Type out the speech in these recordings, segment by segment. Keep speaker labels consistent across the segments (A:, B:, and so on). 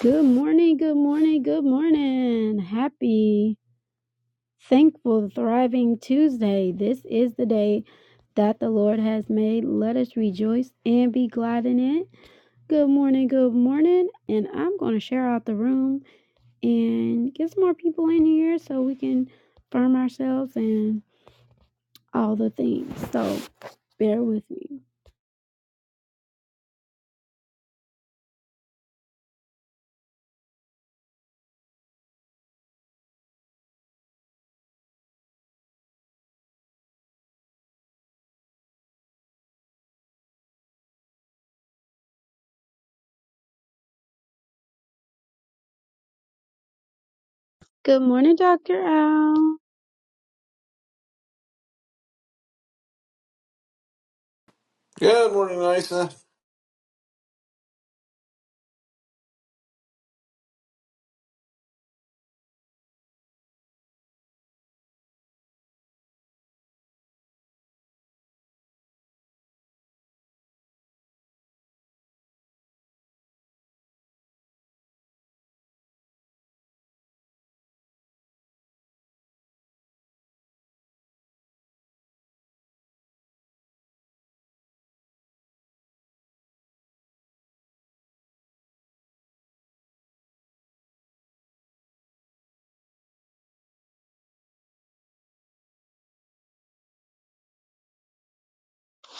A: Good morning, good morning, good morning. Happy, thankful, thriving Tuesday. This is the day that the Lord has made. Let us rejoice and be glad in it. Good morning, good morning. And I'm going to share out the room and get some more people in here so we can firm ourselves and all the things. So bear with me. Good morning, Dr. Al.
B: Good morning, Nisa.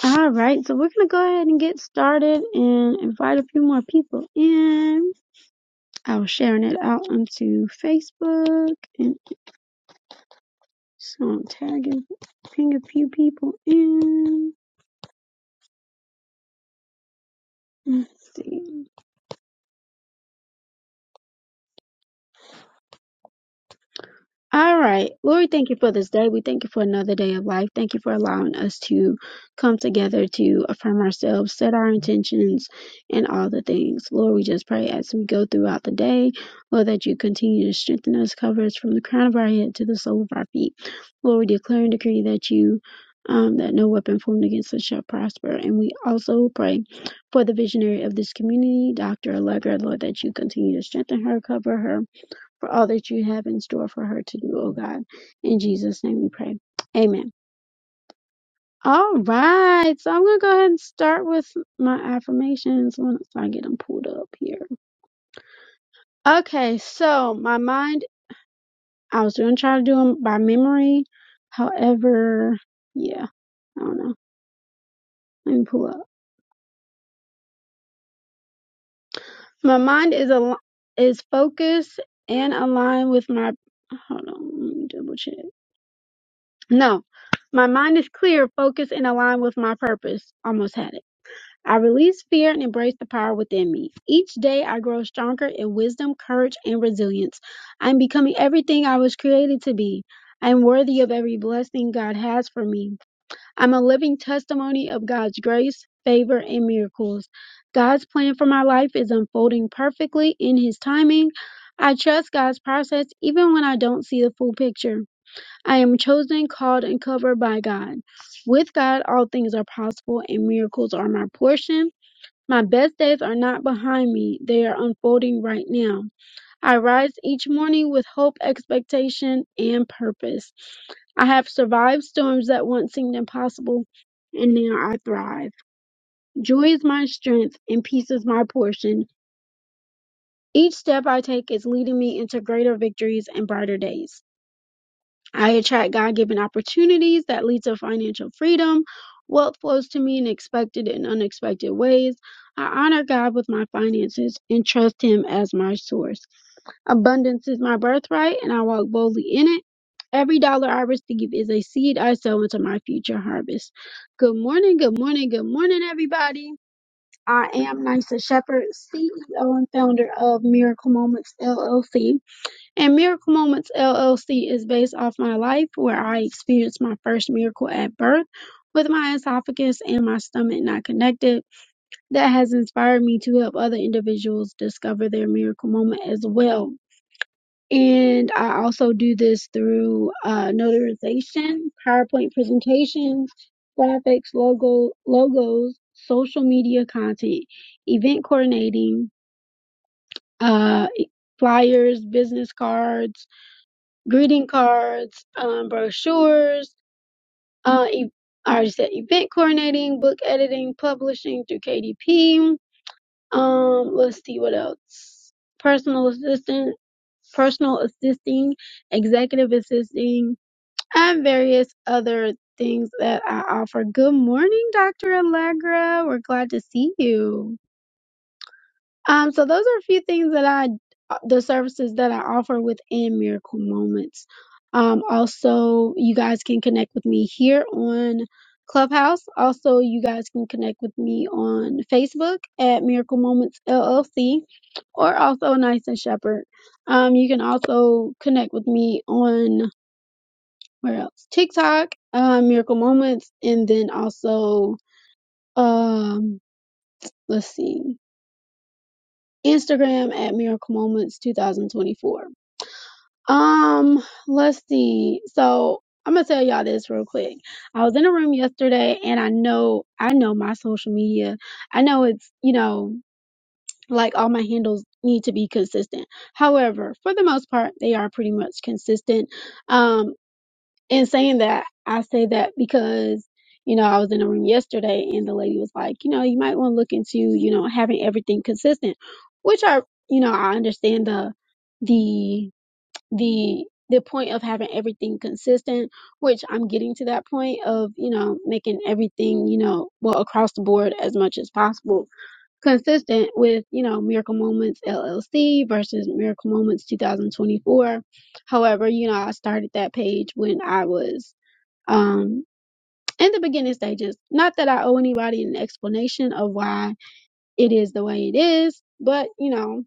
A: All right, so we're going to go ahead and get started and invite a few more people in. I was sharing it out onto Facebook and so I'm tagging ping a few people in. Let's see. All right. Lord, thank you for this day. We thank you for another day of life. Thank you for allowing us to come together to affirm ourselves, set our intentions, and all the things. Lord, we just pray as we go throughout the day, Lord, that you continue to strengthen us, cover us from the crown of our head to the sole of our feet. Lord, we declare and decree that you. Um, that no weapon formed against us shall prosper. And we also pray for the visionary of this community, Dr. Allegra, Lord, that you continue to strengthen her, cover her, for all that you have in store for her to do, oh God. In Jesus' name we pray. Amen. All right. So I'm going to go ahead and start with my affirmations once I get them pulled up here. Okay. So my mind, I was going to try to do them by memory. However, yeah, I don't know. Let me pull up. My mind is al- is focused and aligned with my. Hold on. Let me double check. No. My mind is clear, focused, and aligned with my purpose. Almost had it. I release fear and embrace the power within me. Each day I grow stronger in wisdom, courage, and resilience. I am becoming everything I was created to be. I am worthy of every blessing God has for me. I'm a living testimony of God's grace, favor, and miracles. God's plan for my life is unfolding perfectly in His timing. I trust God's process even when I don't see the full picture. I am chosen, called, and covered by God. With God, all things are possible, and miracles are my portion. My best days are not behind me, they are unfolding right now. I rise each morning with hope, expectation, and purpose. I have survived storms that once seemed impossible, and now I thrive. Joy is my strength, and peace is my portion. Each step I take is leading me into greater victories and brighter days. I attract God given opportunities that lead to financial freedom. Wealth flows to me in expected and unexpected ways. I honor God with my finances and trust Him as my source. Abundance is my birthright, and I walk boldly in it. Every dollar I receive is a seed I sow into my future harvest. Good morning, good morning, good morning, everybody. I am Nysa Shepherd, CEO and founder of Miracle Moments LLC. And Miracle Moments LLC is based off my life where I experienced my first miracle at birth with my esophagus and my stomach not connected. That has inspired me to help other individuals discover their miracle moment as well. And I also do this through uh, notarization, PowerPoint presentations, graphics, logo, logos, social media content, event coordinating, uh, flyers, business cards, greeting cards, um, brochures, uh, e- I already said event coordinating, book editing, publishing through KDP. Um, let's see what else. Personal assistant, personal assisting, executive assisting, and various other things that I offer. Good morning, Dr. Allegra. We're glad to see you. Um, so those are a few things that I, uh, the services that I offer within Miracle Moments. Um, also, you guys can connect with me here on Clubhouse. Also, you guys can connect with me on Facebook at Miracle Moments LLC or also Nice and Shepherd. Um, you can also connect with me on where else? TikTok, uh, Miracle Moments, and then also, um, let's see. Instagram at Miracle Moments 2024. Um, let's see. So I'm gonna tell y'all this real quick. I was in a room yesterday and I know I know my social media. I know it's, you know, like all my handles need to be consistent. However, for the most part, they are pretty much consistent. Um, in saying that, I say that because, you know, I was in a room yesterday and the lady was like, you know, you might want to look into, you know, having everything consistent, which I, you know, I understand the, the, the, the point of having everything consistent, which I'm getting to that point of, you know, making everything, you know, well, across the board as much as possible consistent with, you know, Miracle Moments LLC versus Miracle Moments 2024. However, you know, I started that page when I was um, in the beginning stages. Not that I owe anybody an explanation of why it is the way it is, but you know,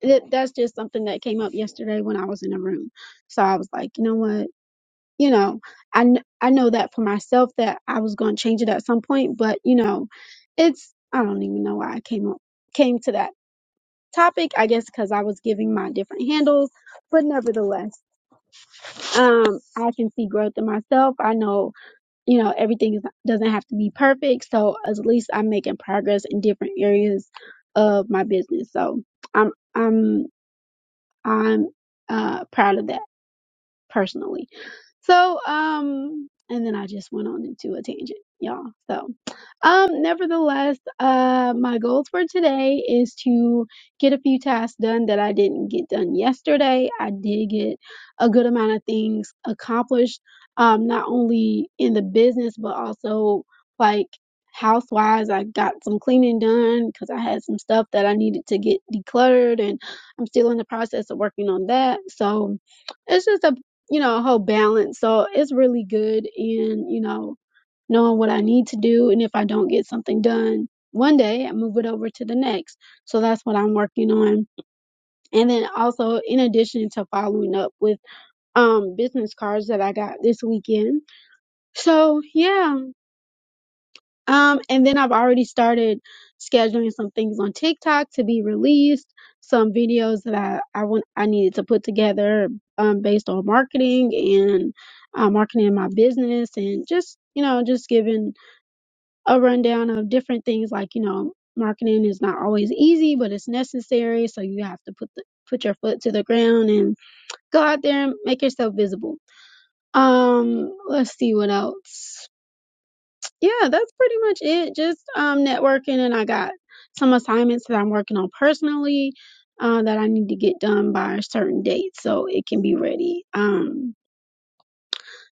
A: it, that's just something that came up yesterday when I was in a room. So I was like, you know what? You know, I, kn- I know that for myself that I was going to change it at some point, but you know, it's, I don't even know why I came up, came to that topic, I guess, because I was giving my different handles, but nevertheless, um, I can see growth in myself. I know you know everything is, doesn't have to be perfect so at least i'm making progress in different areas of my business so i'm i'm i'm uh proud of that personally so, um, and then I just went on into a tangent, y'all. So, um, nevertheless, uh, my goals for today is to get a few tasks done that I didn't get done yesterday. I did get a good amount of things accomplished, um, not only in the business, but also like housewise. I got some cleaning done because I had some stuff that I needed to get decluttered, and I'm still in the process of working on that. So, it's just a you know, a whole balance. So it's really good in, you know, knowing what I need to do. And if I don't get something done one day, I move it over to the next. So that's what I'm working on. And then also in addition to following up with um business cards that I got this weekend. So yeah, um, and then I've already started scheduling some things on TikTok to be released, some videos that I I want I needed to put together um based on marketing and uh, marketing my business and just you know just giving a rundown of different things like you know marketing is not always easy but it's necessary so you have to put the put your foot to the ground and go out there and make yourself visible. Um, let's see what else yeah, that's pretty much it. Just um networking and I got some assignments that I'm working on personally uh that I need to get done by a certain date so it can be ready. Um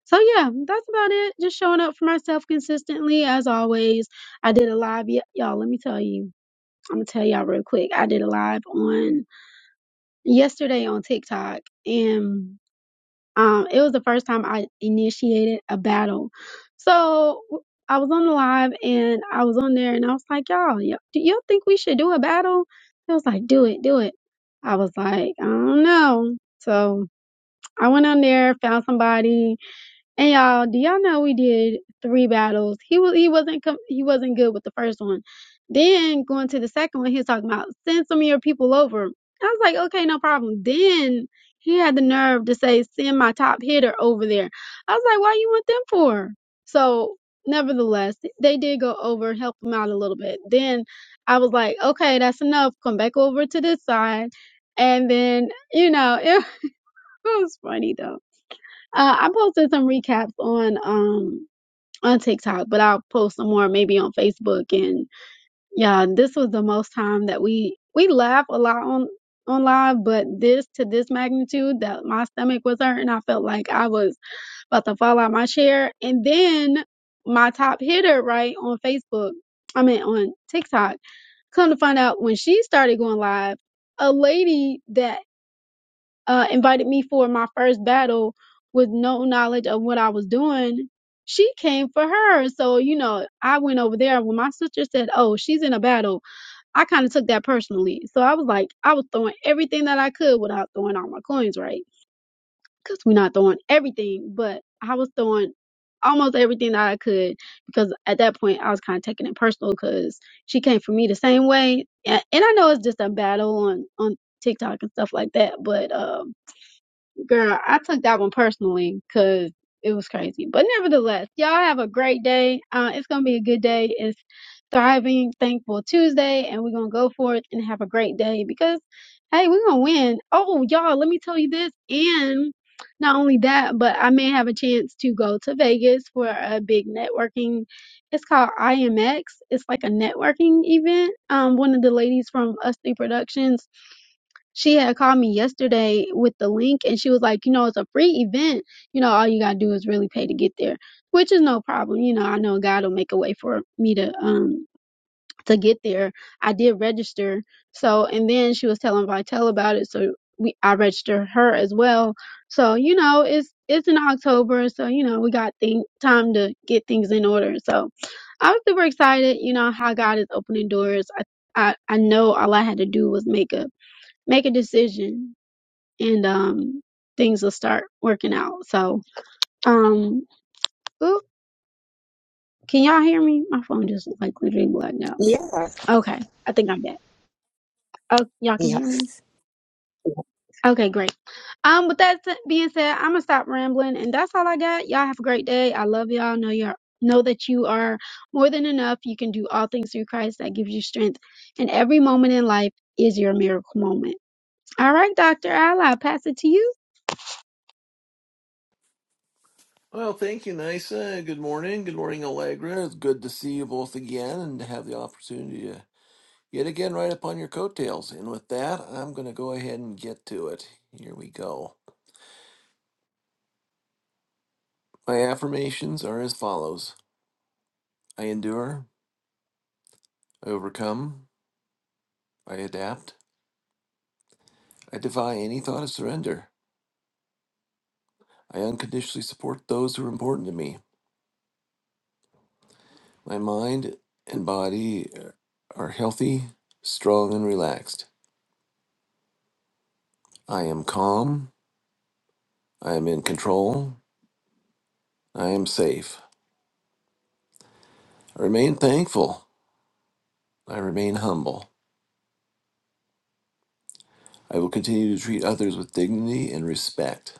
A: so yeah, that's about it. Just showing up for myself consistently as always. I did a live y- y'all, let me tell you. I'm going to tell y'all real quick. I did a live on yesterday on TikTok and Um, it was the first time I initiated a battle. So I was on the live and I was on there and I was like, y'all, y- do y'all think we should do a battle? It was like, do it, do it. I was like, I don't know. So I went on there, found somebody, and y'all, do y'all know we did three battles? He was he wasn't com- he wasn't good with the first one. Then going to the second one, he was talking about send some of your people over. I was like, okay, no problem. Then he had the nerve to say send my top hitter over there. I was like, why you want them for? So nevertheless, they did go over and help him out a little bit. Then I was like, okay, that's enough. Come back over to this side. And then, you know, it was funny though. Uh, I posted some recaps on um on TikTok, but I'll post some more maybe on Facebook. And yeah, this was the most time that we we laugh a lot on on live, but this to this magnitude that my stomach was hurting. I felt like I was about to fall out my chair. And then my top hitter, right on Facebook, I mean on TikTok, come to find out when she started going live, a lady that uh, invited me for my first battle with no knowledge of what I was doing, she came for her. So, you know, I went over there. When my sister said, Oh, she's in a battle, I kind of took that personally. So I was like, I was throwing everything that I could without throwing all my coins, right? Because we're not throwing everything, but I was throwing almost everything that I could because at that point I was kind of taking it personal because she came for me the same way. And, and I know it's just a battle on, on TikTok and stuff like that, but, um, Girl, I took that one personally because it was crazy. But nevertheless, y'all have a great day. Uh, it's going to be a good day. It's Thriving Thankful Tuesday, and we're going to go for it and have a great day because, hey, we're going to win. Oh, y'all, let me tell you this. And not only that, but I may have a chance to go to Vegas for a big networking. It's called IMX. It's like a networking event. Um, one of the ladies from Us Three Productions she had called me yesterday with the link and she was like, you know, it's a free event. You know, all you gotta do is really pay to get there, which is no problem. You know, I know God will make a way for me to um to get there. I did register. So and then she was telling Vitel about it. So we I registered her as well. So, you know, it's it's in October, so you know, we got thing, time to get things in order. So I was super excited, you know, how God is opening doors. I I, I know all I had to do was make up make a decision and um things will start working out. So um oop, can y'all hear me? My phone just like literally blacked out.
C: Yeah.
A: Okay. I think I'm back. Oh y'all can hear me?
C: Yes.
A: Okay, great. Um with that s- being said, I'm gonna stop rambling and that's all I got. Y'all have a great day. I love y'all. Know you're know that you are more than enough. You can do all things through Christ that gives you strength and every moment in life is your miracle moment. All right, Dr. Al, I'll pass it to you.
B: Well, thank you, Nisa. Good morning. Good morning, Allegra. It's good to see you both again and to have the opportunity to yet again ride upon your coattails. And with that, I'm going to go ahead and get to it. Here we go. My affirmations are as follows I endure, I overcome, I adapt, I defy any thought of surrender. I unconditionally support those who are important to me. My mind and body are healthy, strong, and relaxed. I am calm. I am in control. I am safe. I remain thankful. I remain humble. I will continue to treat others with dignity and respect.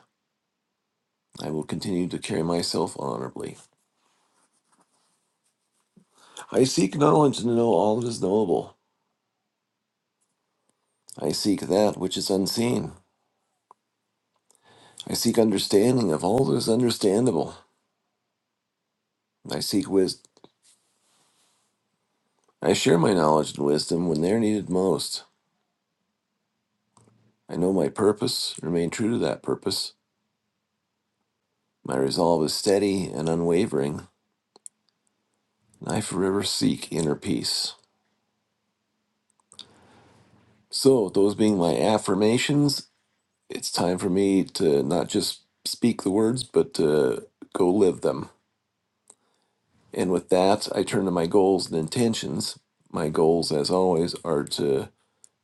B: I will continue to carry myself honorably. I seek knowledge to know all that is knowable. I seek that which is unseen. I seek understanding of all that is understandable. I seek wisdom. I share my knowledge and wisdom when they are needed most. I know my purpose, remain true to that purpose. My resolve is steady and unwavering, and I forever seek inner peace. So, those being my affirmations, it's time for me to not just speak the words, but to go live them. And with that, I turn to my goals and intentions. My goals, as always, are to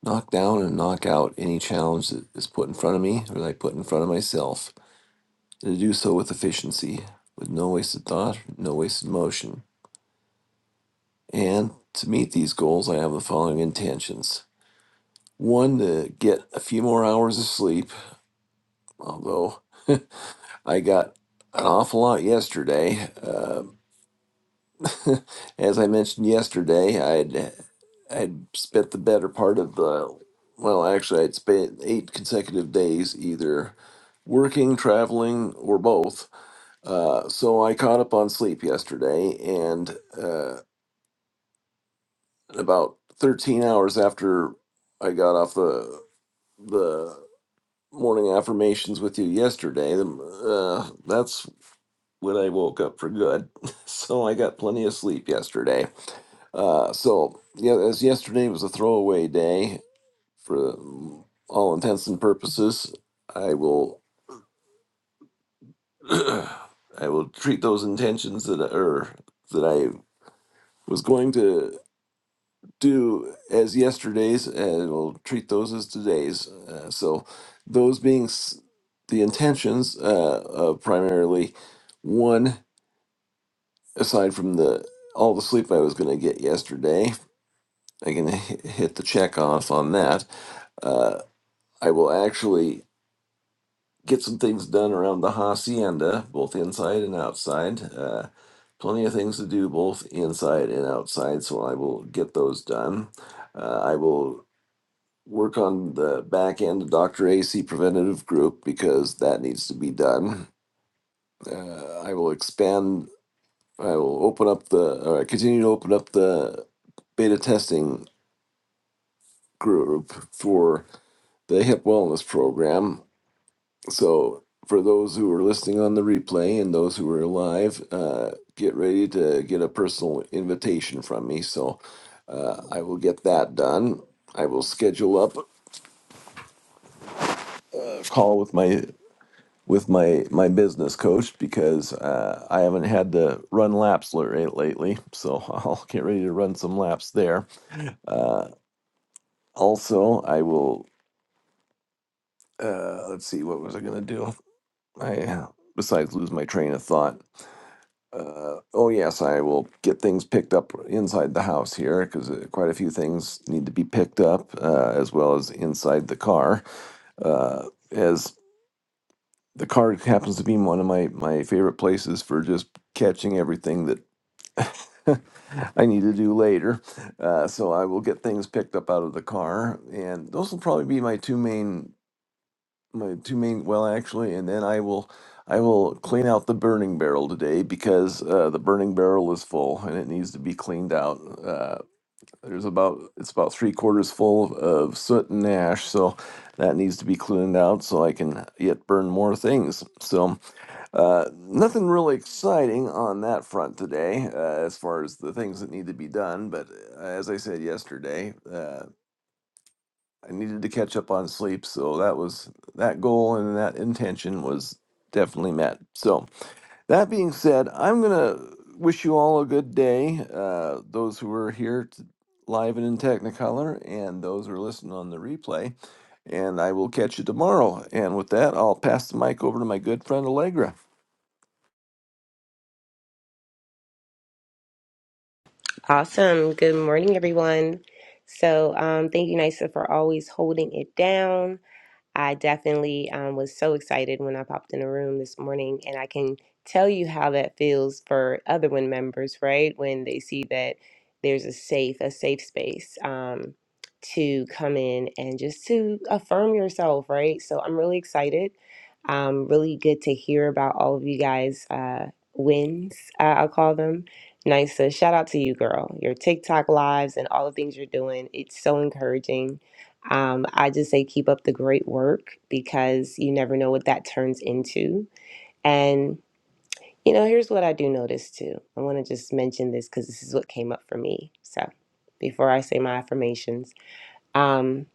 B: knock down and knock out any challenge that is put in front of me or that I put in front of myself, and to do so with efficiency, with no wasted thought, no wasted motion. And to meet these goals, I have the following intentions. One, to get a few more hours of sleep, although I got an awful lot yesterday. Uh, as I mentioned yesterday, I'd I'd spent the better part of the well, actually, I'd spent eight consecutive days either working, traveling, or both. Uh, so I caught up on sleep yesterday, and uh, about 13 hours after I got off the the morning affirmations with you yesterday, the, uh, that's when I woke up for good. So I got plenty of sleep yesterday. Uh, so yeah, as yesterday was a throwaway day for um, all intents and purposes, I will I will treat those intentions that are that I was going to do as yesterday's, and will treat those as today's. Uh, so those being s- the intentions uh, of primarily one. aside from the all the sleep I was going to get yesterday, I can h- hit the check off on that. Uh, I will actually get some things done around the hacienda, both inside and outside. Uh, plenty of things to do both inside and outside, so I will get those done. Uh, I will work on the back end of Dr. AC Preventative Group because that needs to be done. Uh, I will expand I will open up the, or I continue to open up the beta testing group for the hip wellness program. So, for those who are listening on the replay and those who are live, uh, get ready to get a personal invitation from me. So, uh, I will get that done. I will schedule up a call with my with my my business coach because uh, I haven't had to run laps lately. So I'll get ready to run some laps there. Uh, Also, I will. Uh, let's see. What was I going to do? I besides lose my train of thought. Uh, oh yes, I will get things picked up inside the house here because uh, quite a few things need to be picked up, uh, as well as inside the car. Uh, as the car happens to be one of my my favorite places for just catching everything that I need to do later. Uh, so I will get things picked up out of the car, and those will probably be my two main my two main well actually and then i will i will clean out the burning barrel today because uh, the burning barrel is full and it needs to be cleaned out uh, there's about it's about three quarters full of soot and ash so that needs to be cleaned out so i can yet burn more things so uh, nothing really exciting on that front today uh, as far as the things that need to be done but uh, as i said yesterday uh, I needed to catch up on sleep, so that was that goal and that intention was definitely met. So that being said, I'm gonna wish you all a good day. Uh, those who are here t- live and in Technicolor, and those who are listening on the replay. And I will catch you tomorrow. And with that, I'll pass the mic over to my good friend Allegra.
C: Awesome. Good morning, everyone. So, um, thank you, Nisa, for always holding it down. I definitely um, was so excited when I popped in the room this morning, and I can tell you how that feels for other WIN members, right? When they see that there's a safe, a safe space um, to come in and just to affirm yourself, right? So I'm really excited. Um, really good to hear about all of you guys' uh, wins, uh, I'll call them. Nice. So shout out to you, girl. Your TikTok lives and all the things you're doing. It's so encouraging um, I just say keep up the great work because you never know what that turns into. And, you know, here's what I do notice too. I want to just mention this because this is what came up for me. So before I say my affirmations, um,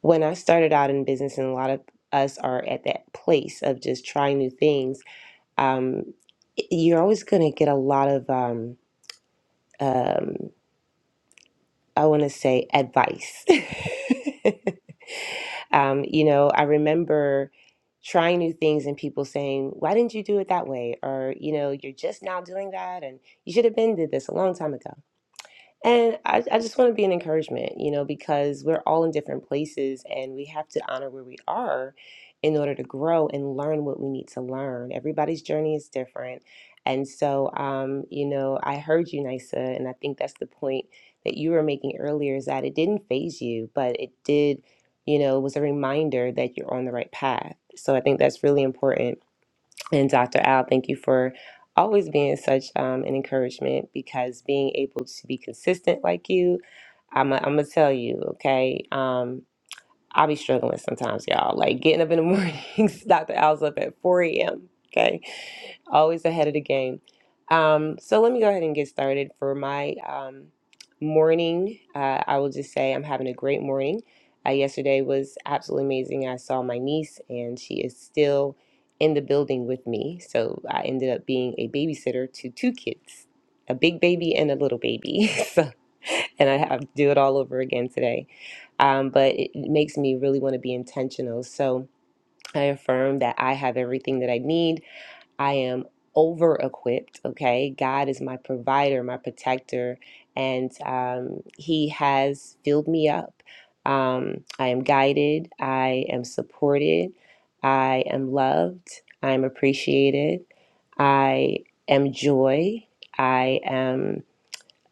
C: when I started out in business, and a lot of us are at that place of just trying new things, um, y- you're always going to get a lot of, um, um, I want to say, advice. Um, you know, I remember trying new things and people saying, "Why didn't you do it that way?" or you know, "You're just now doing that, and you should have been did this a long time ago." And I, I just want to be an encouragement, you know, because we're all in different places and we have to honor where we are in order to grow and learn what we need to learn. Everybody's journey is different. And so, um, you know, I heard you, Nisa, and I think that's the point that you were making earlier is that it didn't phase you, but it did, you know, was a reminder that you're on the right path. So I think that's really important and Dr. Al, thank you for always being such um, an encouragement because being able to be consistent like you, I'm going to tell you, okay? Um, I'll be struggling sometimes, y'all. Like getting up in the mornings, Dr. Al's up at 4 a.m., okay? always ahead of the game. Um, so let me go ahead and get started for my um, morning. Uh, I will just say I'm having a great morning. Uh, yesterday was absolutely amazing. I saw my niece, and she is still in the building with me. So I ended up being a babysitter to two kids. A big baby and a little baby. So, and I have to do it all over again today. Um, but it it makes me really want to be intentional. So I affirm that I have everything that I need I am over equipped. Okay. God is my provider, my protector, and um, He has filled me up. Um, I am guided. I am supported. I am loved. I am appreciated. I am joy. I am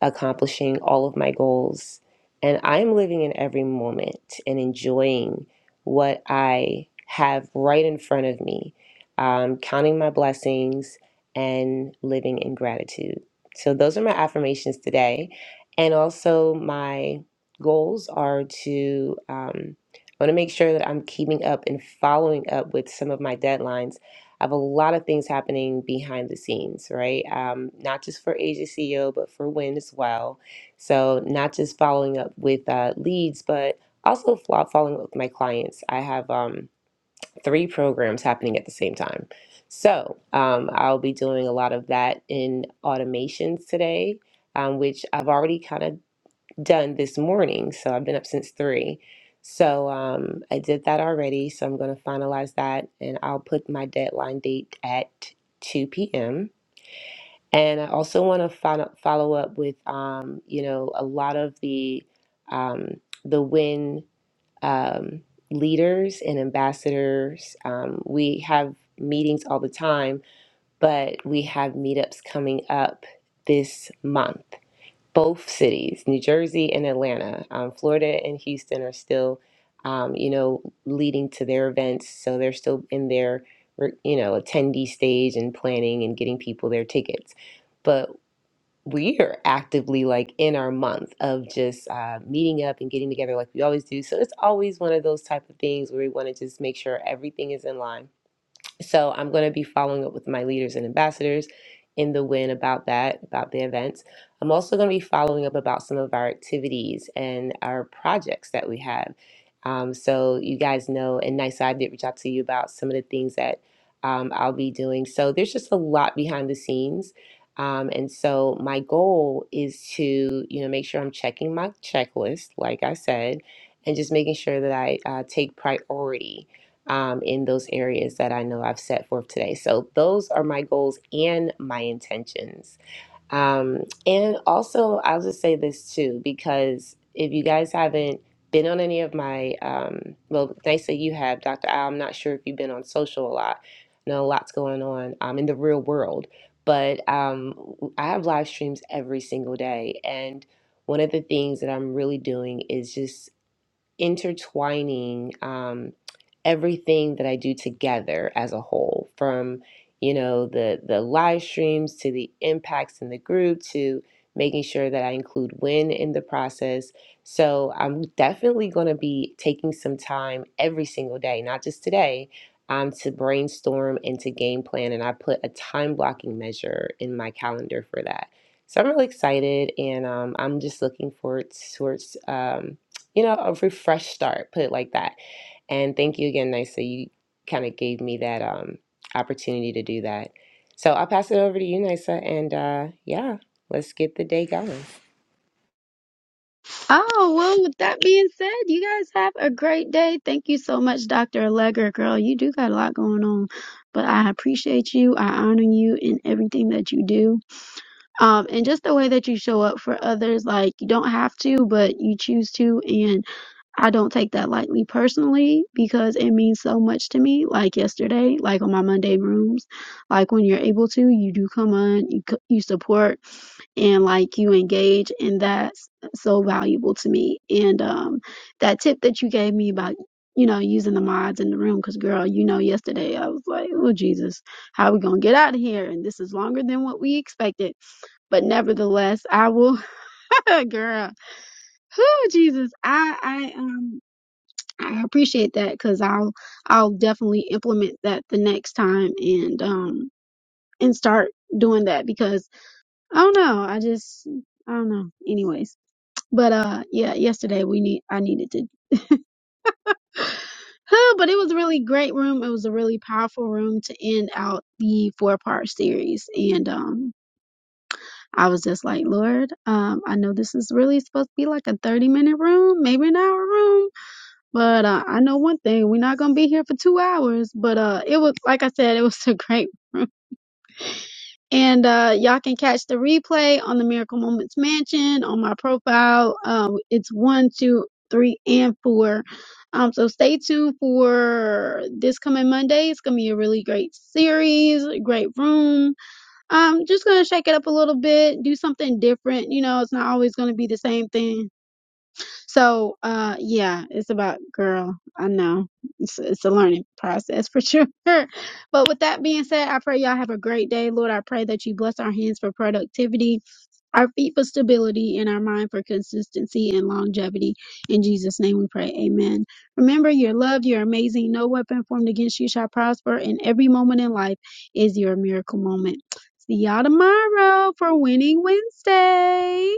C: accomplishing all of my goals. And I'm living in every moment and enjoying what I have right in front of me, um, counting my blessings and living in gratitude. So, those are my affirmations today. And also, my goals are to, um, I want to make sure that I'm keeping up and following up with some of my deadlines I have a lot of things happening behind the scenes, right? Um, not just for Asia CEO, but for Win as well. So not just following up with uh, leads, but also flo- following up with my clients. I have um, three programs happening at the same time. So um, I'll be doing a lot of that in automations today, um, which I've already kind of done this morning. So I've been up since three. So um, I did that already. So I'm going to finalize that and I'll put my deadline date at 2 p.m. And I also want to follow, follow up with, um, you know, a lot of the um, the WIN um, leaders and ambassadors. Um, we have meetings all the time, but we have meetups coming up this month both cities, New Jersey and Atlanta. Um, Florida and Houston are still, um, you know, leading to their events, so they're still in their, you know, attendee stage and planning and getting people their tickets. But we are actively like in our month of just uh, meeting up and getting together like we always do. So it's always one of those type of things where we want to just make sure everything is in line so I'm going to be following up with my leaders and ambassadors in the win about that, about the events. I'm also going to be following up about some of our activities and our projects that we have. Um, so you guys know, and Nice I did reach out to you about some of the things that um, I'll be doing. So there's just a lot behind the scenes. Um, and so my goal is to, you know, make sure I'm checking my checklist, like I said, and just making sure that I uh, take priority um, in those areas that I know I've set forth today. So those are my goals and my intentions. Um, and also, I'll just say this too, because if you guys haven't been on any of my, um, well, they say you have, Dr. Al, I'm not sure if you've been on social a lot. I know a lot's going on um, in the real world, but um, I have live streams every single day. And one of the things that I'm really doing is just intertwining um, everything that I do together as a whole, from you know the the live streams to the impacts in the group to making sure that I include win in the process. So I'm definitely going to be taking some time every single day, not just today. Um, to brainstorm and to game plan, and I put a time blocking measure in my calendar for that. So I'm really excited, and um, I'm just looking forward towards um, you know, a refresh start, put it like that. And thank you again, Nisa. You kind of gave me that um, opportunity to do that. So I'll pass it over to you, Nisa. And uh, yeah, let's get the day going.
A: Oh, well, with that being said, you guys have a great day. Thank you so much, Dr. Allegra. Girl, you do got a lot going on, but I appreciate you. I honor you in everything that you do. Um, and just the way that you show up for others, like you don't have to, but you choose to. I don't take that lightly personally because it means so much to me. Like yesterday, like on my Monday rooms, like when you're able to, you do come on, you c- you support, and like you engage, and that's so valuable to me. And um, that tip that you gave me about you know using the mods in the room, because girl, you know yesterday I was like, oh Jesus, how we gonna get out of here? And this is longer than what we expected but nevertheless, I will, girl. Who Jesus? I I um. I appreciate that because I'll I'll definitely implement that the next time and um and start doing that because I don't know I just I don't know anyways but uh yeah yesterday we need I needed to but it was a really great room it was a really powerful room to end out the four part series and um I was just like Lord um I know this is really supposed to be like a 30 minute room maybe an hour room But uh, I know one thing: we're not gonna be here for two hours. But uh, it was like I said, it was a great room, and uh, y'all can catch the replay on the Miracle Moments Mansion on my profile. Um, it's one, two, three, and four. Um, so stay tuned for this coming Monday. It's gonna be a really great series, great room. Um, just gonna shake it up a little bit, do something different. You know, it's not always gonna be the same thing. So, uh, yeah, it's about girl. I know it's it's a learning process for sure. But with that being said, I pray y'all have a great day, Lord. I pray that you bless our hands for productivity, our feet for stability, and our mind for consistency and longevity. In Jesus' name, we pray. Amen. Remember, you're loved. You're amazing. No weapon formed against you shall prosper, and every moment in life is your miracle moment. See y'all tomorrow for Winning Wednesday.